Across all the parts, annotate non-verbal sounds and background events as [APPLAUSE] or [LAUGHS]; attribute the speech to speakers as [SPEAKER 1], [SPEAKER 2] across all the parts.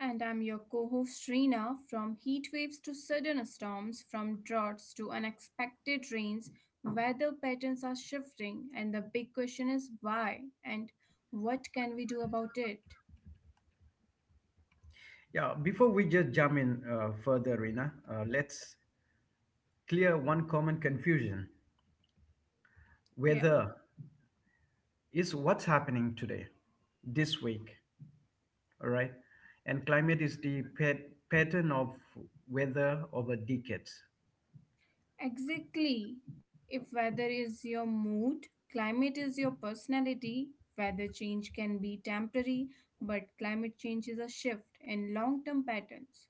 [SPEAKER 1] And I'm your co host Reena. From heat waves to sudden storms, from droughts to unexpected rains, weather patterns are shifting, and the big question is why and what can we do about it?
[SPEAKER 2] Yeah, before we just jump in further, Rina, let's clear one common confusion.
[SPEAKER 1] Yeah,
[SPEAKER 2] Weather is what's happening today, this week, all right? And climate is the pattern of weather over decades.
[SPEAKER 1] exactly. If weather is your mood, climate is your personality. Weather change can be temporary, but climate change is a shift in long term patterns.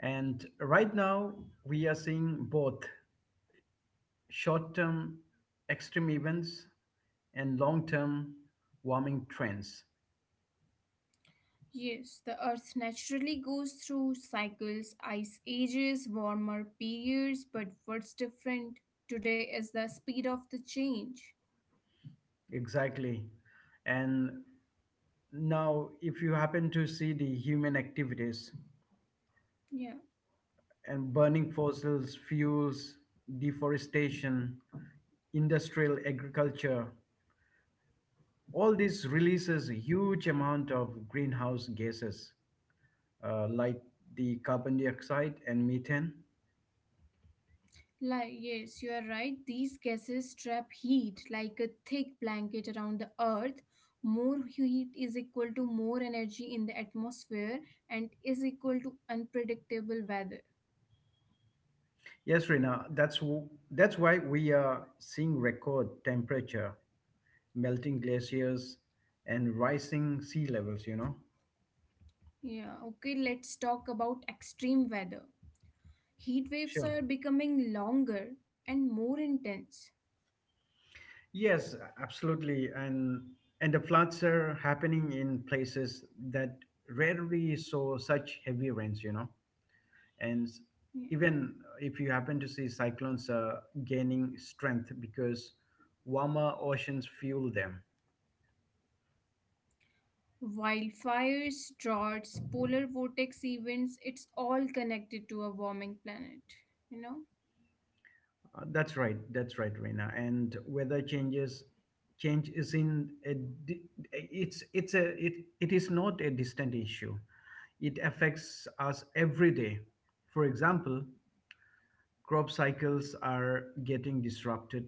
[SPEAKER 2] And right now, we are seeing both short term extreme events and long term warming trends.
[SPEAKER 1] Yes, the Earth naturally goes through cycles, ice ages, warmer periods, but what's different today is the speed of the change.
[SPEAKER 2] Exactly. And Now, if you happen to see the human activities
[SPEAKER 1] Yeah,
[SPEAKER 2] and burning fossil fuels, deforestation, industrial agriculture, all this releases a huge amount of greenhouse gases like the carbon dioxide and methane.
[SPEAKER 1] like, yes, you are right. These gases trap heat like a thick blanket around the Earth. More heat is equal to more energy in the atmosphere and is equal to unpredictable weather.
[SPEAKER 2] Yes, Rina, that's why we are seeing record temperature, melting glaciers, and rising sea levels.
[SPEAKER 1] Yeah, okay, let's talk about extreme weather. Heat waves
[SPEAKER 2] Sure.
[SPEAKER 1] are becoming longer and more intense.
[SPEAKER 2] Yes, absolutely. And the floods are happening in places that rarely saw such heavy rains, And s-
[SPEAKER 1] Yeah.
[SPEAKER 2] Even if you happen to see cyclones gaining strength because warmer oceans fuel them.
[SPEAKER 1] Wildfires, droughts, polar vortex events, it's all connected to a warming planet, you know?
[SPEAKER 2] That's right. That's right, Reena. And weather changes change is in a, di- it's a it, it is not a distant issue. It affects us every day. For example, crop cycles are getting disrupted,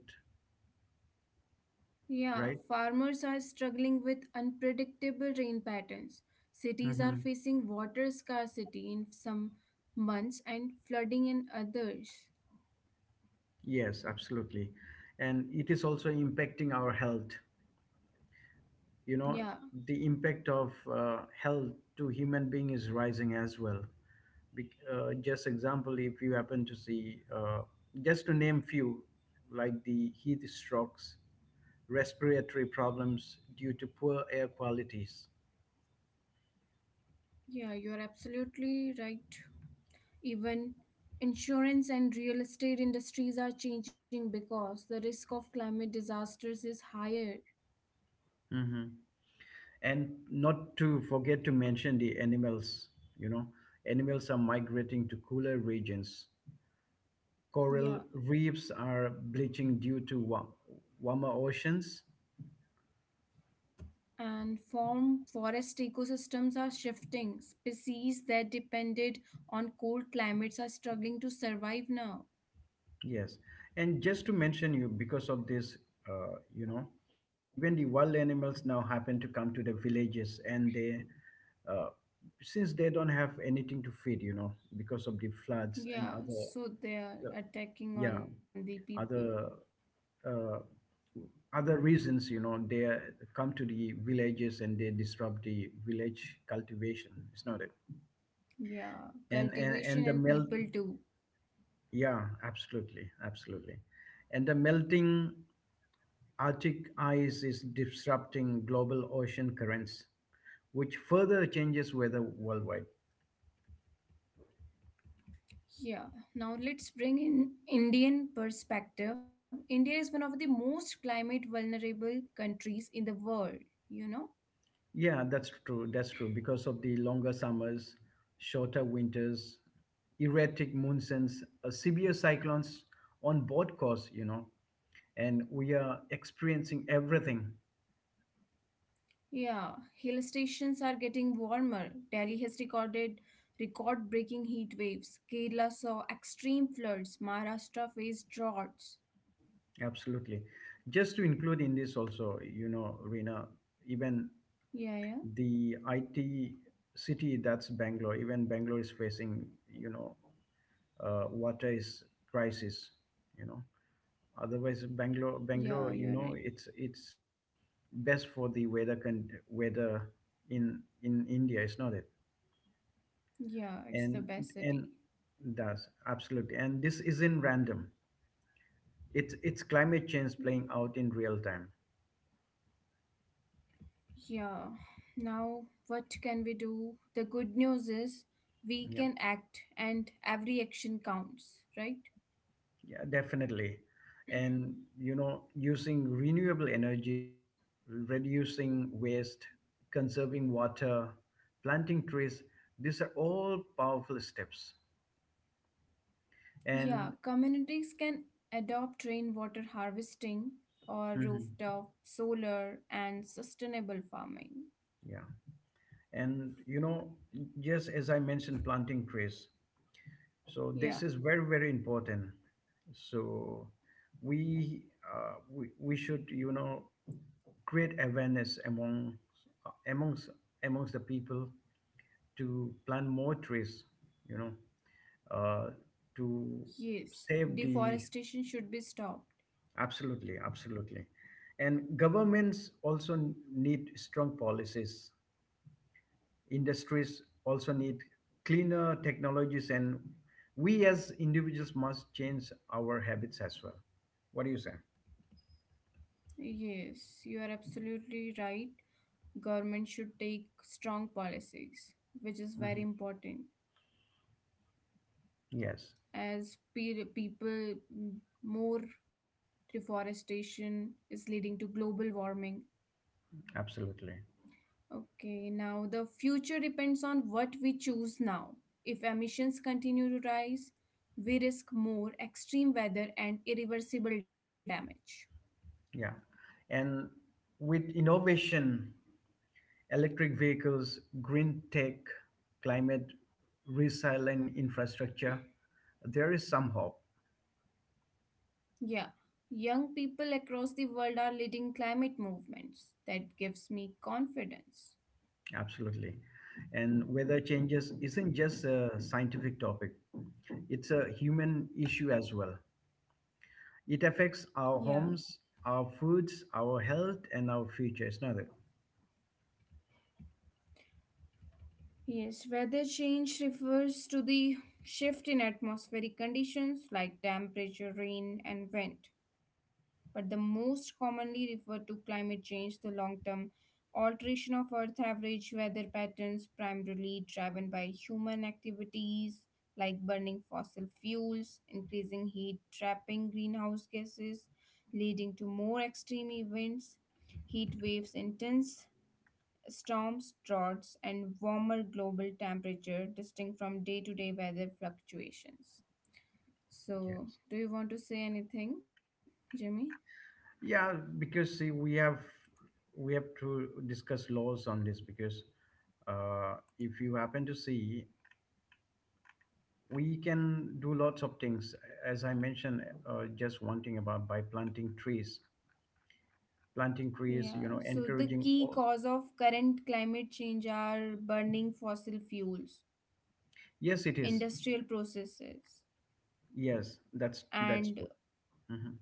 [SPEAKER 1] Yeah,
[SPEAKER 2] right?
[SPEAKER 1] farmers are struggling with unpredictable rain patterns. Cities are
[SPEAKER 2] Hmm.
[SPEAKER 1] facing water scarcity in some months and flooding in others.
[SPEAKER 2] Yes, absolutely. And it is also impacting our health. You
[SPEAKER 1] Yeah,
[SPEAKER 2] know, the impact of health to human being is rising as well. Just example, if you happen to see, just to name few, like the heat strokes, respiratory problems due to poor air qualities.
[SPEAKER 1] yeah, you're absolutely right. Even insurance and real estate industries are changing because the risk of climate disasters is higher.
[SPEAKER 2] And not to forget to mention the animals, you know, animals are migrating to cooler regions. Coral
[SPEAKER 1] Yeah.
[SPEAKER 2] reefs are bleaching due to warmer oceans.
[SPEAKER 1] And form forest ecosystems are shifting. Species that depended on cold climates are struggling to survive now.
[SPEAKER 2] Yes, and just to mention you, because of this, you know, even the wild animals now happen to come to the villages, and they uh, since they don't have anything to feed, you know, because of the floods and
[SPEAKER 1] Yeah,
[SPEAKER 2] other,
[SPEAKER 1] so they are
[SPEAKER 2] yeah.
[SPEAKER 1] attacking
[SPEAKER 2] Yeah,
[SPEAKER 1] on the people.
[SPEAKER 2] other uh, other reasons, you know, they come to the villages and they disrupt the village cultivation, it's not it.
[SPEAKER 1] Yeah,
[SPEAKER 2] and and,
[SPEAKER 1] cultivation
[SPEAKER 2] and the
[SPEAKER 1] and
[SPEAKER 2] melt
[SPEAKER 1] people too.
[SPEAKER 2] yeah, absolutely, absolutely. And the melting arctic ice is disrupting global ocean currents, which further changes weather worldwide.
[SPEAKER 1] Yeah, now let's bring in Indian perspective. India is one of the most climate vulnerable countries in the world, you know
[SPEAKER 2] Yeah, that's true. That's true. Because of the longer summers, shorter winters, erratic monsoons, severe cyclones on both coasts, you know, and we are experiencing everything.
[SPEAKER 1] Yeah, hill stations are getting warmer. Delhi has recorded record-breaking heat waves. Kerala saw extreme floods. Maharashtra faced droughts.
[SPEAKER 2] Absolutely. Just to include in this also, you know, Rina, even
[SPEAKER 1] Yeah, yeah,
[SPEAKER 2] the IT city, that's Bangalore, even Bangalore is facing, you know, water is crisis, you know. Otherwise, Bangalore,
[SPEAKER 1] yeah. You're right.
[SPEAKER 2] Bangalore, you know, it's best for the weather in India, is not it?
[SPEAKER 1] Yeah, it's the
[SPEAKER 2] And
[SPEAKER 1] best
[SPEAKER 2] and
[SPEAKER 1] city.
[SPEAKER 2] does absolutely. And this isn't random. It's climate
[SPEAKER 1] Yeah,
[SPEAKER 2] change playing out in real time.
[SPEAKER 1] yeah. Now, what can we do? The good news is we
[SPEAKER 2] Yeah,
[SPEAKER 1] can act, and every action counts, right?
[SPEAKER 2] yeah, definitely. And you know, using renewable energies, reducing waste, conserving water, planting trees, these are all powerful steps.
[SPEAKER 1] Yeah,
[SPEAKER 2] And
[SPEAKER 1] communities can adopt rainwater harvesting or
[SPEAKER 2] mhm,
[SPEAKER 1] rooftop solar and sustainable farming.
[SPEAKER 2] yeah. And you know, just as I mentioned, planting trees, so
[SPEAKER 1] Yeah,
[SPEAKER 2] this is very very important. So we, we should, you know, create awareness among amongst the people to plant more trees, you know, uh, to
[SPEAKER 1] yes,
[SPEAKER 2] save the,
[SPEAKER 1] deforestation should be stopped.
[SPEAKER 2] absolutely, absolutely. And governments also need strong policies. Industries also need cleaner technologies, and we as individuals must change our habits as well. What do you say?
[SPEAKER 1] Yes, you are absolutely right. Government should take strong policies, which is very
[SPEAKER 2] Mhm.
[SPEAKER 1] important.
[SPEAKER 2] Yes,
[SPEAKER 1] As people, more deforestation is leading to global warming.
[SPEAKER 2] absolutely.
[SPEAKER 1] Okay, now the future depends on what we choose now. If emissions continue to rise, we risk more extreme weather and irreversible damage.
[SPEAKER 2] Yeah. And with innovation, electric vehicles, green tech, climate resilient infrastructure, there is some hope.
[SPEAKER 1] Yeah, young people across the world are leading climate movements. That gives me confidence.
[SPEAKER 2] Absolutely. And weather changes isn't just a scientific topic, it's a human issue as well. It affects
[SPEAKER 1] Yeah.
[SPEAKER 2] our homes, our foods, our health, and our future. It's not it.
[SPEAKER 1] Yes, weather change refers to the shift in atmospheric conditions like temperature, rain, and wind, but the most commonly referred to climate change, the long term alteration of Earth average weather patterns, primarily driven by human activities like burning fossil fuels, increasing heat, trapping greenhouse gases, leading to more extreme events, heat waves, intense storms, droughts, and warmer global temperature distinct from day to day weather fluctuations. So,
[SPEAKER 2] Yes.
[SPEAKER 1] do you want to say anything, Jimmy?
[SPEAKER 2] Yeah, because see, we have to discuss laws on this because if you happen to see, we can do lots of things. As I mentioned, just one thing about by planting trees, you
[SPEAKER 1] Yeah,
[SPEAKER 2] know,
[SPEAKER 1] so the
[SPEAKER 2] encouraging.
[SPEAKER 1] key
[SPEAKER 2] All.
[SPEAKER 1] cause of current climate change are burning fossil fuels,
[SPEAKER 2] Yes, it is.
[SPEAKER 1] industrial processes,
[SPEAKER 2] Yes, that's
[SPEAKER 1] and
[SPEAKER 2] true. Hmm.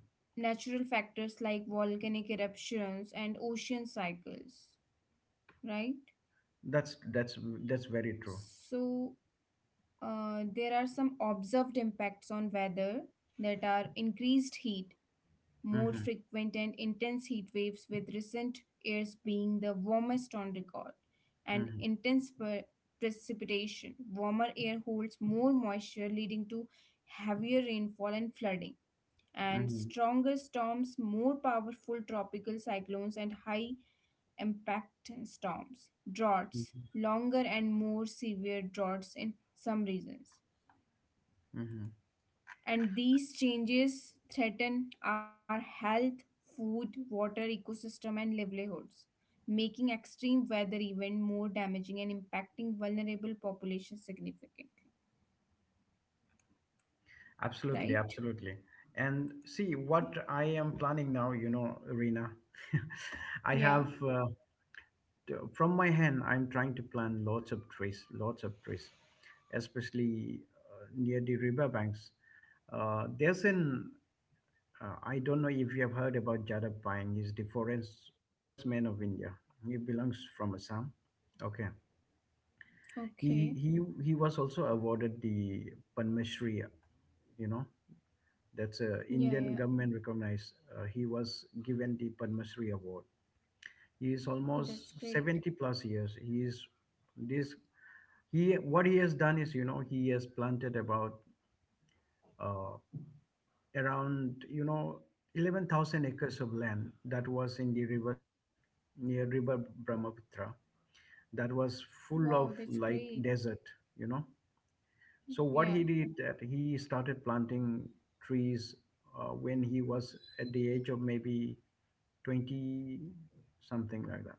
[SPEAKER 1] natural factors like volcanic eruptions and ocean cycles, right?
[SPEAKER 2] That's that's that's very true.
[SPEAKER 1] So there are some observed impacts on weather that are increased heat, more
[SPEAKER 2] Hmm.
[SPEAKER 1] frequent and intense heat waves, with recent years being the warmest on record, and
[SPEAKER 2] Hmm.
[SPEAKER 1] intense precipitation. Warmer air holds more moisture, leading to heavier rainfall and flooding, and
[SPEAKER 2] Hmm.
[SPEAKER 1] stronger storms, more powerful tropical cyclones, and high impact storms. Droughts, longer and more severe droughts in some regions,
[SPEAKER 2] Hmm.
[SPEAKER 1] and these changes threaten our health, food, water, ecosystem, and livelihoods, making extreme weather even more damaging and impacting vulnerable populations significantly.
[SPEAKER 2] Absolutely,
[SPEAKER 1] Right?
[SPEAKER 2] absolutely. And see
[SPEAKER 1] Yeah.
[SPEAKER 2] what I am planning now, you know, Rina. [LAUGHS] I
[SPEAKER 1] Yeah.
[SPEAKER 2] have from my hand, I'm trying to plant lots of trees, especially near the riverbanks. There's an I don't know if you have heard about Jada Pine. He's the forest man of India. He belongs from Assam. Okay. He
[SPEAKER 1] Okay.
[SPEAKER 2] he he was also awarded the Padma Shri, you know. That's a
[SPEAKER 1] Yeah,
[SPEAKER 2] Indian
[SPEAKER 1] yeah.
[SPEAKER 2] government recognized. He was given the Padma Shri award. He is
[SPEAKER 1] That's
[SPEAKER 2] almost
[SPEAKER 1] great.
[SPEAKER 2] 70 plus years. He is this he what he has done is, you know, he has planted about uh, around, you know, 11,000 acres of land that was in the riverside near river Brahmaputra, that was full
[SPEAKER 1] Wow,
[SPEAKER 2] of
[SPEAKER 1] that's
[SPEAKER 2] like
[SPEAKER 1] great.
[SPEAKER 2] desert, you know. So what
[SPEAKER 1] Yeah.
[SPEAKER 2] he did, that he started planting trees when he was at the age of maybe 20, something like that.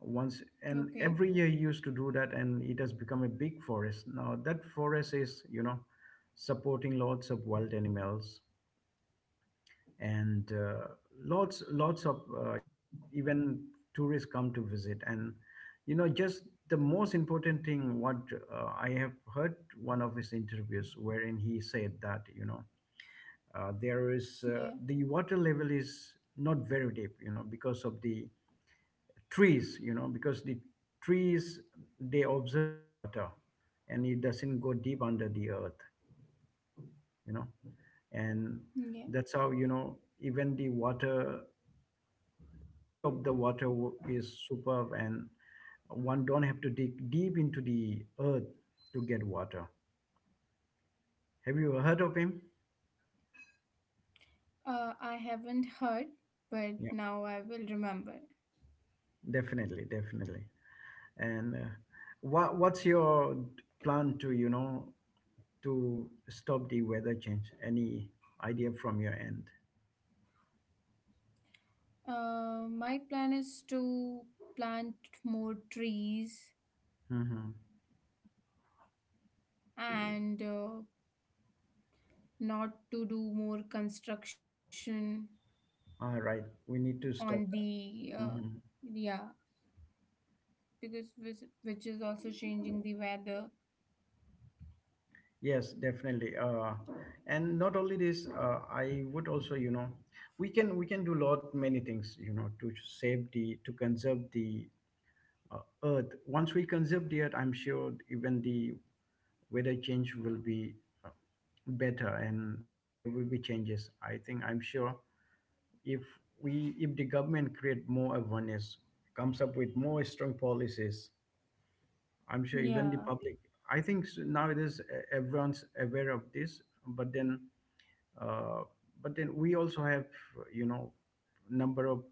[SPEAKER 2] Once and
[SPEAKER 1] Okay.
[SPEAKER 2] every year he used to do that, and it has become a big forest now. That forest is, you know, supporting lots of wild animals, and lots of you know, even tourists come to visit. And you know, just the most important thing, what I have heard one of his interviews wherein he said that, you know, there is,
[SPEAKER 1] Yeah.
[SPEAKER 2] the water level is not very deep, you know, because of the trees, you know, because the trees, they absorb the water and it doesn't go deep under the earth, you know. And
[SPEAKER 1] Yeah.
[SPEAKER 2] that's how, you know, even the water, quality of the water is superb, and one don't have to dig deep into the earth to get water. Have you heard of him?
[SPEAKER 1] I haven't heard, but
[SPEAKER 2] Yeah,
[SPEAKER 1] now I will remember.
[SPEAKER 2] definitely, definitely. And what's your plan to, you know, to stop the weather change, any idea from your end?
[SPEAKER 1] My plan is to plant more trees
[SPEAKER 2] Mm-hmm.
[SPEAKER 1] and not to do more construction
[SPEAKER 2] All right, we need to
[SPEAKER 1] on
[SPEAKER 2] stop
[SPEAKER 1] the
[SPEAKER 2] that. Mm-hmm.
[SPEAKER 1] yeah, because which is also changing the weather.
[SPEAKER 2] Yes, definitely. And not only this, I would also, you know, we can do lot many things, you know, to save the, to conserve the earth. Once we conserve the earth, I'm sure even the weather change will be uh, better, and there will be changes. I think I'm sure if we, if the government create more awareness, comes up with more strong policies, I'm sure even the
[SPEAKER 1] Yeah,
[SPEAKER 2] public. I think nowadays everyone's aware of this, uh, but then we also have, you know, number of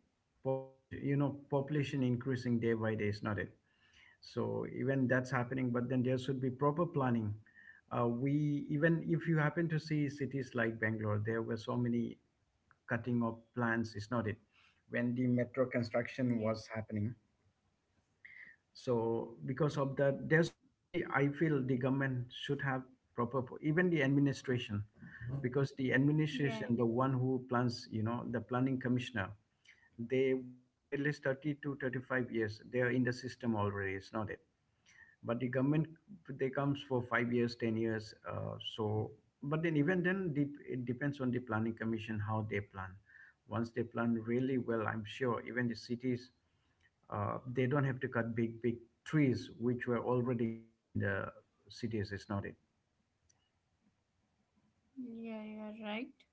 [SPEAKER 2] population, you know, population increasing day by day, is not it? So even that's happening, but then there should be proper planning. We Even if you happen to see cities like Bangalore, there were so many cutting of plants, is not it? When the metro construction
[SPEAKER 1] yeah,
[SPEAKER 2] was happening, so because of that, there should be, I feel the government should have proper, even the administration, because the
[SPEAKER 1] yeah,
[SPEAKER 2] administration, the one who plans, you know, the planning commissioner, they work for at least 30 to 35 years, they are in the system already, it's not it. But the government, they comes for 5 years, 10 years, so but then even then the, it depends on the planning commission how they plan. Once they plan really well, I'm sure even the cities, they don't have to cut big trees which were already grown in the cities, is not it?
[SPEAKER 1] yeah, you are right.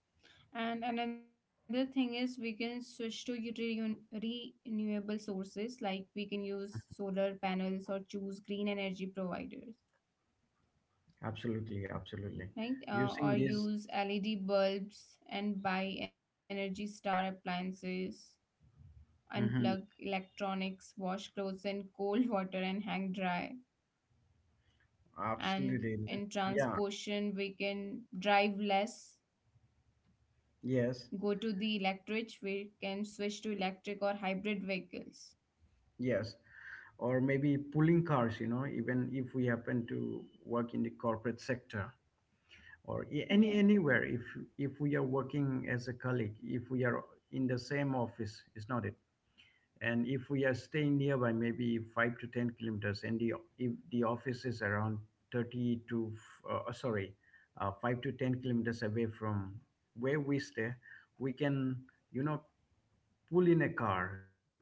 [SPEAKER 1] And another thing is, we can switch to renewable sources like we can use solar panels or choose green energy providers,
[SPEAKER 2] Absolutely, absolutely.
[SPEAKER 1] right? Uh,
[SPEAKER 2] Using
[SPEAKER 1] or
[SPEAKER 2] this,
[SPEAKER 1] use LED bulbs and buy energy star appliances, unplug
[SPEAKER 2] mhm,
[SPEAKER 1] electronics, wash clothes in cold water and hang dry. And
[SPEAKER 2] absolutely.
[SPEAKER 1] in
[SPEAKER 2] Yeah,
[SPEAKER 1] transposition, we can drive less,
[SPEAKER 2] yes.
[SPEAKER 1] go to the electric, we can switch to electric or hybrid vehicles.
[SPEAKER 2] Yes, or maybe pulling cars, you know, even if we happen to work in the corporate sector,
[SPEAKER 1] Yeah,
[SPEAKER 2] anywhere, if we are working as a colleague, if we are in the same office, is not it? And if we are staying nearby, maybe 5 to 10 kilometers, and the, if the office is around 30 to f- uh, sorry uh, 5 to 10 kilometers away from where we stay, we can, you know, pull in a car, you know.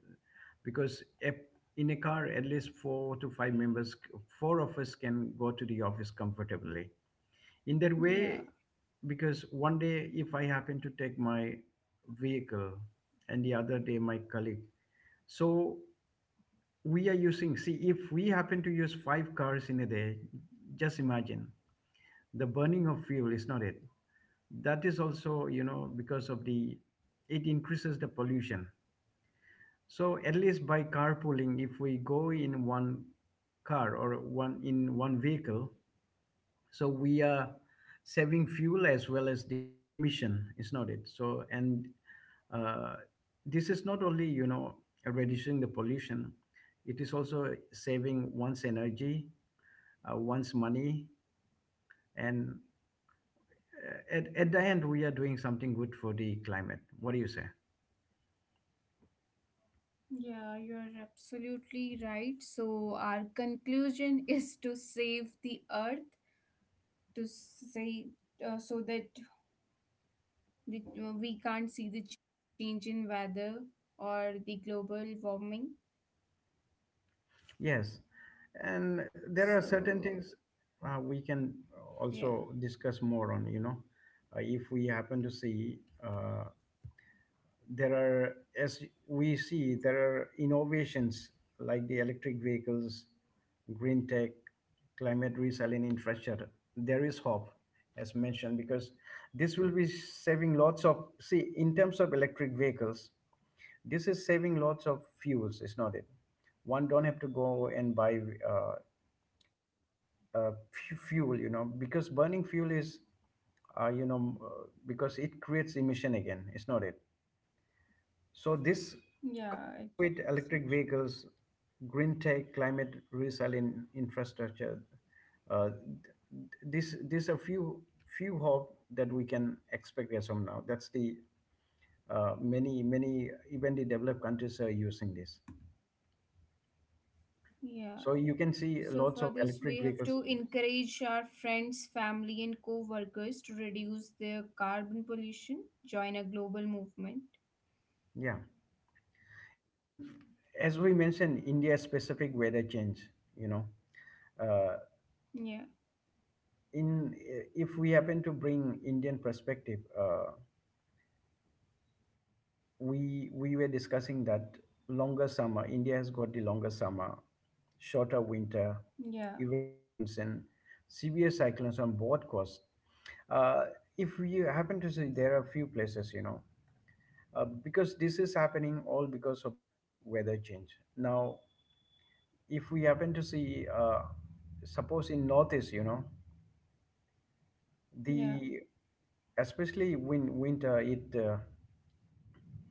[SPEAKER 2] Because a, in a car at least four to five members, four of us can go to the office comfortably in that
[SPEAKER 1] yeah,
[SPEAKER 2] way. Because one day if I happen to take my vehicle, and the other day my colleague, so we are using, see, if we happen to use five cars in a day, just imagine, the burning of fuel, is not it? That is also, you know, because of the, it increases the pollution. So at least by carpooling, if we go in one car, or one vehicle, so we are saving fuel as well as the emission, is not it? So and uh, this is not only, you know, reducing the pollution, it is also saving one's energy, one's money, and at the end, we are doing something good for the climate. What do you say?
[SPEAKER 1] yeah, you're absolutely right. So, our conclusion [LAUGHS] is to save the earth, to say so that we can't see the change in weather or the global warming.
[SPEAKER 2] Yes, and there are certain
[SPEAKER 1] So,
[SPEAKER 2] things we can
[SPEAKER 1] yeah,
[SPEAKER 2] also discuss more on. You know, if we happen to see, uh, there are, as we see, there are innovations like the electric vehicles, green tech, climate resilient infrastructure. There is hope, as mentioned, because this will be saving lots of. See, in terms of electric vehicles, this is saving lots of fuels, is not it? One don't have to go and buy uh, fuel, because burning fuel is, because it creates emission again, is not it? So this
[SPEAKER 1] yeah, it
[SPEAKER 2] coming
[SPEAKER 1] creates
[SPEAKER 2] up
[SPEAKER 1] some
[SPEAKER 2] with
[SPEAKER 1] issue.
[SPEAKER 2] electric vehicles, green tech, climate resilient infrastructure, th- this these are few hope that we can expect as of now. That's the many even the developed countries are using this.
[SPEAKER 1] Yeah.
[SPEAKER 2] So you can see
[SPEAKER 1] So
[SPEAKER 2] lots
[SPEAKER 1] for
[SPEAKER 2] of
[SPEAKER 1] this, we
[SPEAKER 2] electric
[SPEAKER 1] have
[SPEAKER 2] vehicles.
[SPEAKER 1] to encourage our friends, family, and co-workers to reduce their carbon pollution. Join a global movement.
[SPEAKER 2] Yeah. And as we mentioned, India specific weather change, you know, uh,
[SPEAKER 1] Yeah,
[SPEAKER 2] in if we happen to bring Indian perspective, we were discussing that longer summer, India has got the longer summer, shorter winter,
[SPEAKER 1] yeah,
[SPEAKER 2] erratic monsoon, severe cyclones on both coasts. Uh, if you happen to see, there are a few places, because this is happening all because of the weather change. Now if we happen to see, suppose in northeast, you know
[SPEAKER 1] yeah,
[SPEAKER 2] the especially winter it,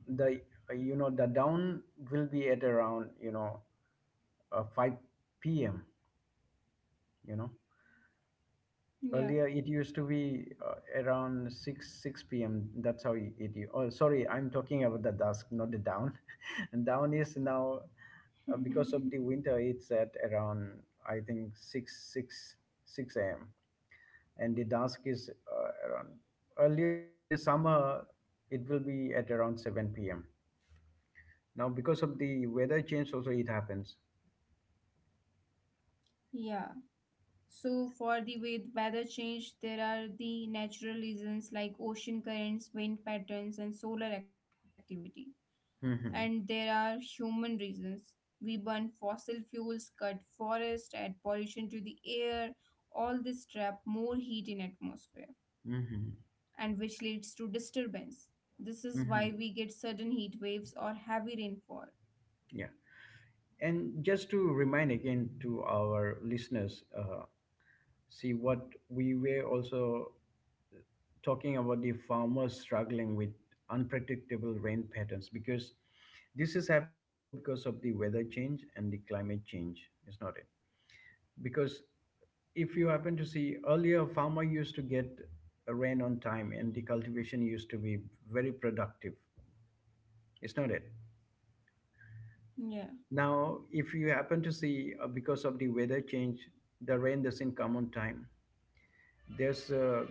[SPEAKER 2] the you know the down will be at around, 5 p.m. you know
[SPEAKER 1] yeah,
[SPEAKER 2] Earlier, it used to be around 6 p.m. That's how it. Oh, sorry, I'm talking about the dusk, not the down. [LAUGHS] And down is now, because of the
[SPEAKER 1] [LAUGHS]
[SPEAKER 2] winter. It's at around, I think, 6 a.m. And the dusk is around. Earlier in the summer, it will be at around 7 p.m. Now because of the weather change, also it happens.
[SPEAKER 1] yeah. So for the weather change, there are the natural reasons like ocean currents, wind patterns, and solar activity, and
[SPEAKER 2] Hmm.
[SPEAKER 1] there are human reasons. We burn fossil fuels, cut forests, add pollution to the air. All this trap more heat in atmosphere,
[SPEAKER 2] Hmm.
[SPEAKER 1] and which leads to disturbance. This is why
[SPEAKER 2] Hmm.
[SPEAKER 1] we get sudden heat waves or heavy rainfall.
[SPEAKER 2] Yeah. And just to remind again to our listeners, see what we were also talking about the farmers struggling with unpredictable rain patterns, because this is happening all because of the weather change and the climate change, is not it? Because if you happen to see earlier, farmer used to get a rain on time and the cultivation used to be very productive, is not it?
[SPEAKER 1] Yeah,
[SPEAKER 2] Now, if you happen to see, because of the weather change, the rain doesn't come on time. There's a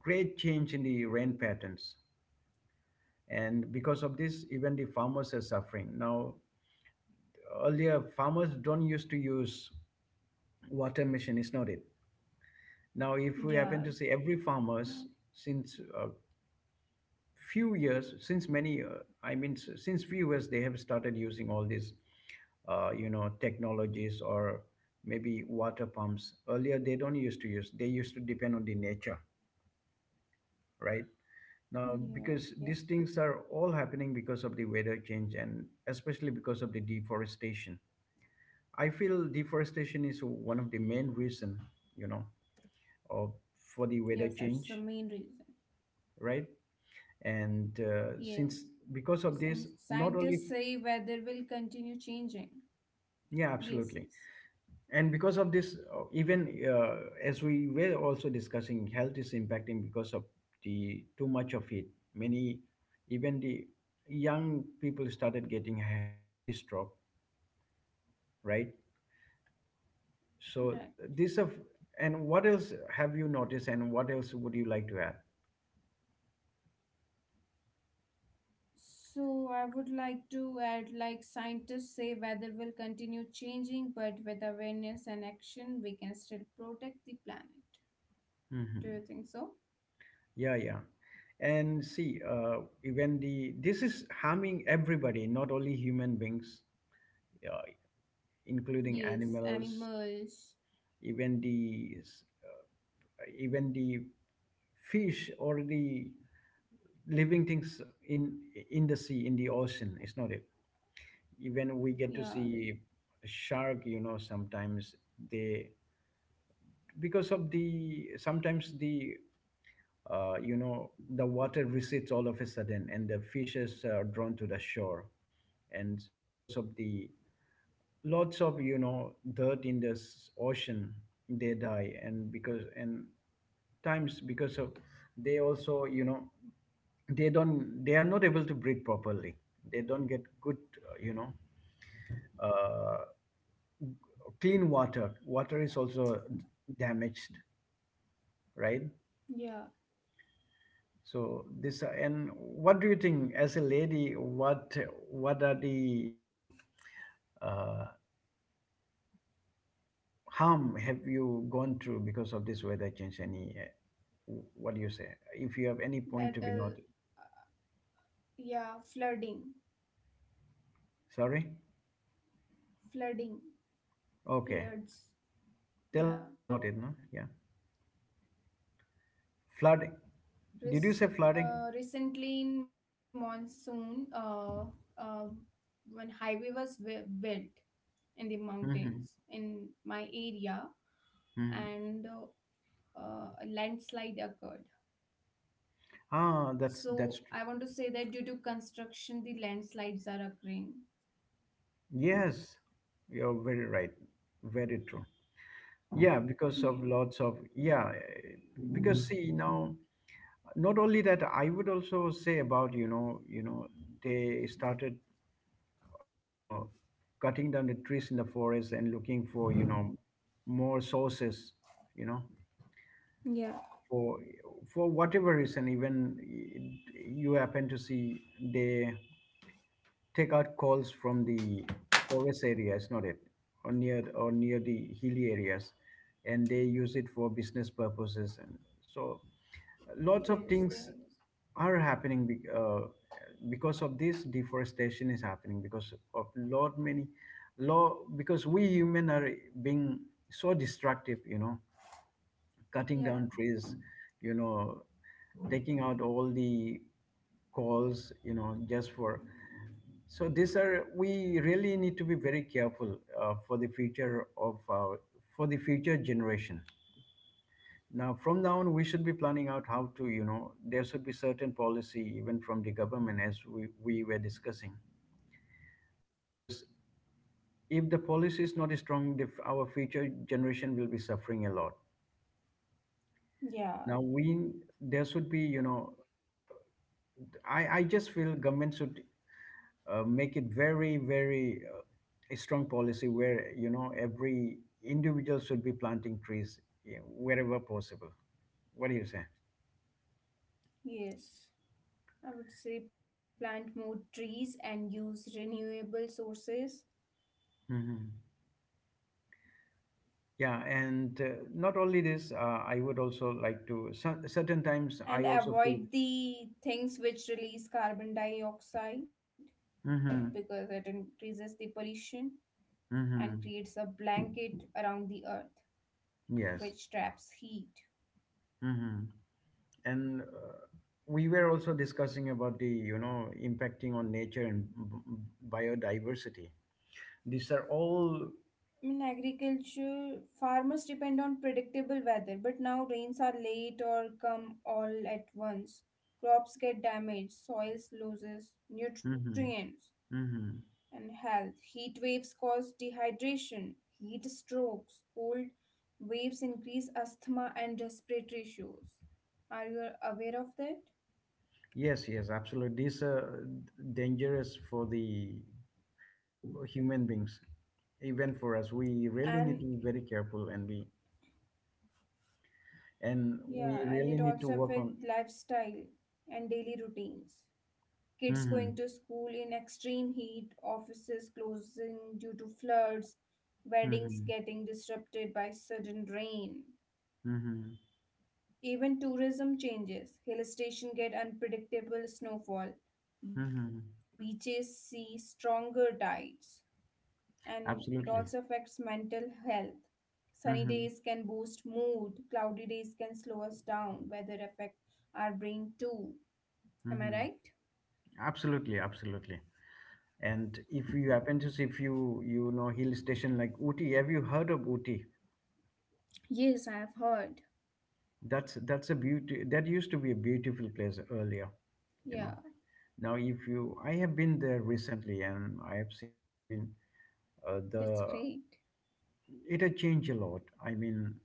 [SPEAKER 2] great change in the rain patterns. And because of this, even the farmers are suffering. Now, earlier, farmers don't used to use water machine, is not it? Now, if we happen to see, every
[SPEAKER 1] yeah,
[SPEAKER 2] farmers since
[SPEAKER 1] no,
[SPEAKER 2] a few years, since many, I mean, since few years, they have started using all these, technologies, or maybe water pumps. Earlier they don't used to use, they used to depend on the nature, right. Now because these things
[SPEAKER 1] yeah,
[SPEAKER 2] are all
[SPEAKER 1] yeah.
[SPEAKER 2] happening because of the weather change and especially because of the deforestation. I feel deforestation is one of the main reason, you know of, for the weather change,
[SPEAKER 1] Yes, that's the main reason.
[SPEAKER 2] right. And since, because of
[SPEAKER 1] Yes, and
[SPEAKER 2] this not only,
[SPEAKER 1] scientists say weather will continue changing.
[SPEAKER 2] yeah,
[SPEAKER 1] Yes,
[SPEAKER 2] absolutely.
[SPEAKER 1] yes.
[SPEAKER 2] And because of this, even, as we were also discussing, health is impacting because of the too much of heat. Many, even the young people started getting heat stroke, right.
[SPEAKER 1] Right.
[SPEAKER 2] So this of, and what else have you noticed and what else would you like to add?
[SPEAKER 1] So I would like to add, like scientists say weather will continue changing, but with awareness and action we can still protect the planet. Do you
[SPEAKER 2] Hmm.
[SPEAKER 1] think so?
[SPEAKER 2] Yeah, yeah. And see, even the, this is harming everybody, not only human beings, uh, including
[SPEAKER 1] Yes,
[SPEAKER 2] animals,
[SPEAKER 1] animals.
[SPEAKER 2] even the even the fish or the living things in the sea, in the ocean, it's not it. Even we
[SPEAKER 1] Yeah,
[SPEAKER 2] get to see shark, you know, sometimes they, because of the, sometimes the, water recedes all of a sudden and the fishes are drawn to the shore. And because of the lots of, you know, dirt in the ocean, they die. And because and times because of, they also, you know, they don't, they are not able to breathe properly. They don't get good, uh, you know uh, clean water, water is also damaged, right.
[SPEAKER 1] yeah.
[SPEAKER 2] So this, and what do you think as a lady, what are the, you know uh, harm have you gone through because of this weather change? Any, what do you say? If you have any point to
[SPEAKER 1] That
[SPEAKER 2] be noted.
[SPEAKER 1] yeah, flooding,
[SPEAKER 2] Sorry?
[SPEAKER 1] flooding,
[SPEAKER 2] Okay.
[SPEAKER 1] floods.
[SPEAKER 2] Tell
[SPEAKER 1] Yeah.
[SPEAKER 2] more about it, no? Yeah. Flooding. Did you say
[SPEAKER 1] Res
[SPEAKER 2] flooding?
[SPEAKER 1] Recently in monsoon, uh, when highway was built in the mountains
[SPEAKER 2] Mm-hmm.
[SPEAKER 1] in my area,
[SPEAKER 2] Hmm.
[SPEAKER 1] and a landslide occurred.
[SPEAKER 2] Ah, that's
[SPEAKER 1] So
[SPEAKER 2] true.
[SPEAKER 1] I want to say that due to construction, the landslides are occurring.
[SPEAKER 2] Yes, you're very right. Very true. Yeah, because
[SPEAKER 1] Yeah.
[SPEAKER 2] of lots of, yeah, because see now, not only that, I would also say about, you know, you know they started, you know, cutting down the trees in the forest and looking for, you know, more sources, you know,
[SPEAKER 1] Yeah.
[SPEAKER 2] for for whatever reason, even you happen to see they take out calls from the forest areas, not it, or near, or near the hilly areas, and they use it for business purposes. And so lots of things
[SPEAKER 1] Yes, there is.
[SPEAKER 2] are happening because of this, deforestation is happening because of lot many law, because we human are being so destructive, you know, cutting down
[SPEAKER 1] Yeah.
[SPEAKER 2] trees, you know, taking out all the calls, you know, just for, so these are, we really need to be very careful, for the future of our, for the future generation. Now, from now on, we should be planning out how to, you know, there should be certain policy even from the government, as we were discussing. Because if the policy is not strong, the, our future generation will be suffering a lot. Now, we,
[SPEAKER 1] Yeah,
[SPEAKER 2] there should be, you know, I just feel government should, make it very, very, a strong policy where, you know, every individual should be planting trees, yeah, wherever possible. What do you say?
[SPEAKER 1] yes. I would say plant more trees and use renewable sources
[SPEAKER 2] Hmm. Yeah, and not only this, I would also like to. Certain times,
[SPEAKER 1] and
[SPEAKER 2] I also feel.
[SPEAKER 1] avoid the things which release carbon dioxide,
[SPEAKER 2] Mm-hmm.
[SPEAKER 1] because it increases the pollution and
[SPEAKER 2] Mm-hmm.
[SPEAKER 1] creates a blanket around the earth
[SPEAKER 2] Yes.
[SPEAKER 1] which traps heat.
[SPEAKER 2] Mm-hmm. And we were also discussing about the, you know, impacting on nature and biodiversity. These are all.
[SPEAKER 1] I mean, agriculture, farmers depend on predictable weather, but now rains are late or come all at once. Crops get damaged, soils loses
[SPEAKER 2] Mm-hmm.
[SPEAKER 1] nutrients,
[SPEAKER 2] Mm-hmm.
[SPEAKER 1] and health. Heat waves cause dehydration, heat strokes, cold waves increase asthma and respiratory issues. Are you aware of that?
[SPEAKER 2] Yes. Yes. Absolutely. These are dangerous for the human beings, even for us. We really need
[SPEAKER 1] And
[SPEAKER 2] to be very careful, and we, and we
[SPEAKER 1] yeah, and
[SPEAKER 2] really
[SPEAKER 1] it
[SPEAKER 2] need to
[SPEAKER 1] also
[SPEAKER 2] work on.
[SPEAKER 1] affects lifestyle and daily routines. Kids going
[SPEAKER 2] Mhm.
[SPEAKER 1] to school in extreme heat, offices closing due to floods, weddings
[SPEAKER 2] Mhm.
[SPEAKER 1] getting disrupted by sudden rain.
[SPEAKER 2] Mhm.
[SPEAKER 1] Even tourism changes. Hill station get unpredictable snowfall. Beaches
[SPEAKER 2] Mhm.
[SPEAKER 1] see stronger tides, and it also affects
[SPEAKER 2] Absolutely.
[SPEAKER 1] mental health. Sunny days can
[SPEAKER 2] Mhm.
[SPEAKER 1] boost mood, cloudy days can slow us down, weather affect our brain too. Am I
[SPEAKER 2] Mhm.
[SPEAKER 1] right?
[SPEAKER 2] Absolutely. Absolutely. And if you happen to see, if you, you know, hill station like Ooty, have you heard of Ooty?
[SPEAKER 1] Yes, I have heard.
[SPEAKER 2] That's a beauty. That used to be a beautiful place earlier. You know.
[SPEAKER 1] Yeah,
[SPEAKER 2] Now, if you, I have been there recently, and I have seen. I mean,
[SPEAKER 1] that's
[SPEAKER 2] the,
[SPEAKER 1] great.
[SPEAKER 2] it had changed a lot. I mean,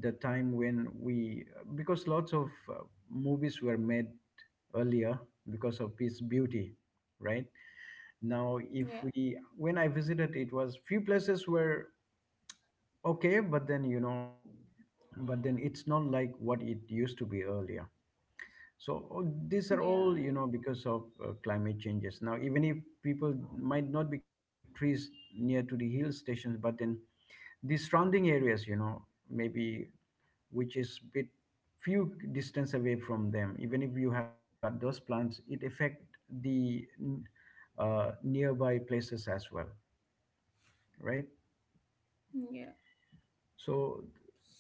[SPEAKER 2] the time when we, because lots of movies were made earlier because of its beauty, right?
[SPEAKER 1] Yeah,
[SPEAKER 2] Now, if we, when I visited, it was few places were okay, but then, you know, but then it's not like what it used to be earlier. So these are
[SPEAKER 1] yeah,
[SPEAKER 2] all, you know, because of climate changes. Now, even if people might not be cutting trees near to the hill stations, but then the surrounding areas, you know, maybe which is bit few distance away from them, even if you happen to cut those plants, it affect the nearby places as well, right.
[SPEAKER 1] yeah.
[SPEAKER 2] So,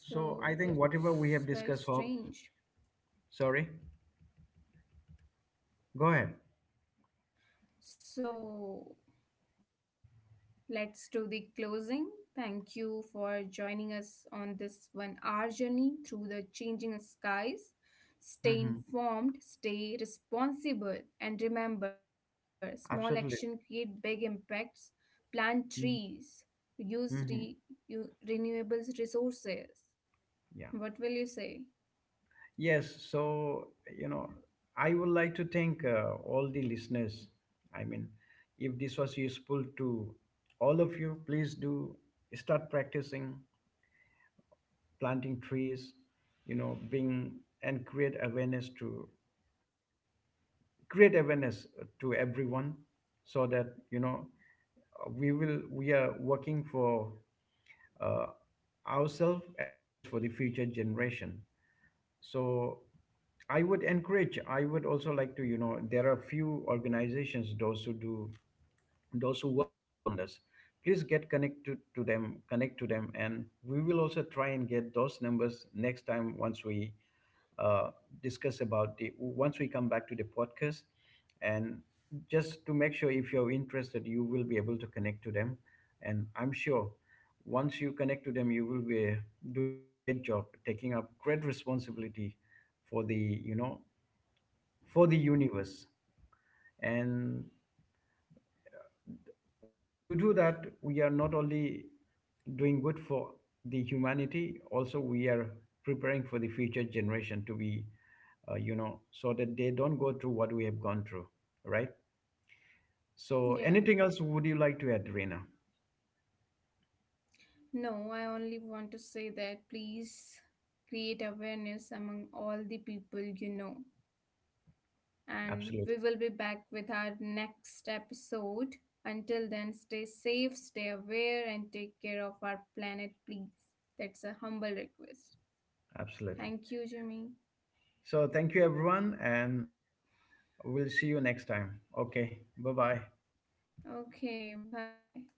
[SPEAKER 2] so I think whatever we have
[SPEAKER 1] that's very
[SPEAKER 2] discussed, hope,
[SPEAKER 1] strange.
[SPEAKER 2] sorry, go ahead.
[SPEAKER 1] So let's do the closing. Thank you for joining us on this 1 hour journey through the changing skies. Stay
[SPEAKER 2] Hmm.
[SPEAKER 1] informed, stay responsible, and remember small action create
[SPEAKER 2] Absolutely.
[SPEAKER 1] big impacts. Plant trees, use
[SPEAKER 2] Hmm.
[SPEAKER 1] renewables resources. What
[SPEAKER 2] Yeah.
[SPEAKER 1] will you say?
[SPEAKER 2] Yes, so, you know, I would like to thank, all the listeners. I mean, if this was useful to all of you, please do start practicing planting trees. You know, being, and create awareness to everyone, so that, you know, we will, we are working for, uh, ourselves as well as for the future generation. So I would encourage, I would also like to, you know, there are few organizations those who do, those who work a lot on this. Please get connected to them, connect to them, and we will also try and get those numbers next time, once we, uh, discuss about the, once we come back to the podcast. And just to make sure, if you're interested, you will be able to connect to them, and I'm sure once you connect to them, you will be doing a great job, taking up great responsibility for the, you know, for the universe. And once you do that, we are not only doing good for the humanity, also we are preparing for the future generation to be, so that they don't go through what we have gone through, right. So
[SPEAKER 1] Yeah.
[SPEAKER 2] anything else would you like to add, Rena?
[SPEAKER 1] No, I only want to say that please create awareness among all the people, you know. And we
[SPEAKER 2] Absolutely.
[SPEAKER 1] will be back with our next episode. Until then, stay safe, stay aware, and take care of our planet, please. That's a humble request.
[SPEAKER 2] Absolutely.
[SPEAKER 1] Thank you, Jimmy.
[SPEAKER 2] So thank you everyone, and we'll see you next time. Okay, bye bye.
[SPEAKER 1] Okay, bye.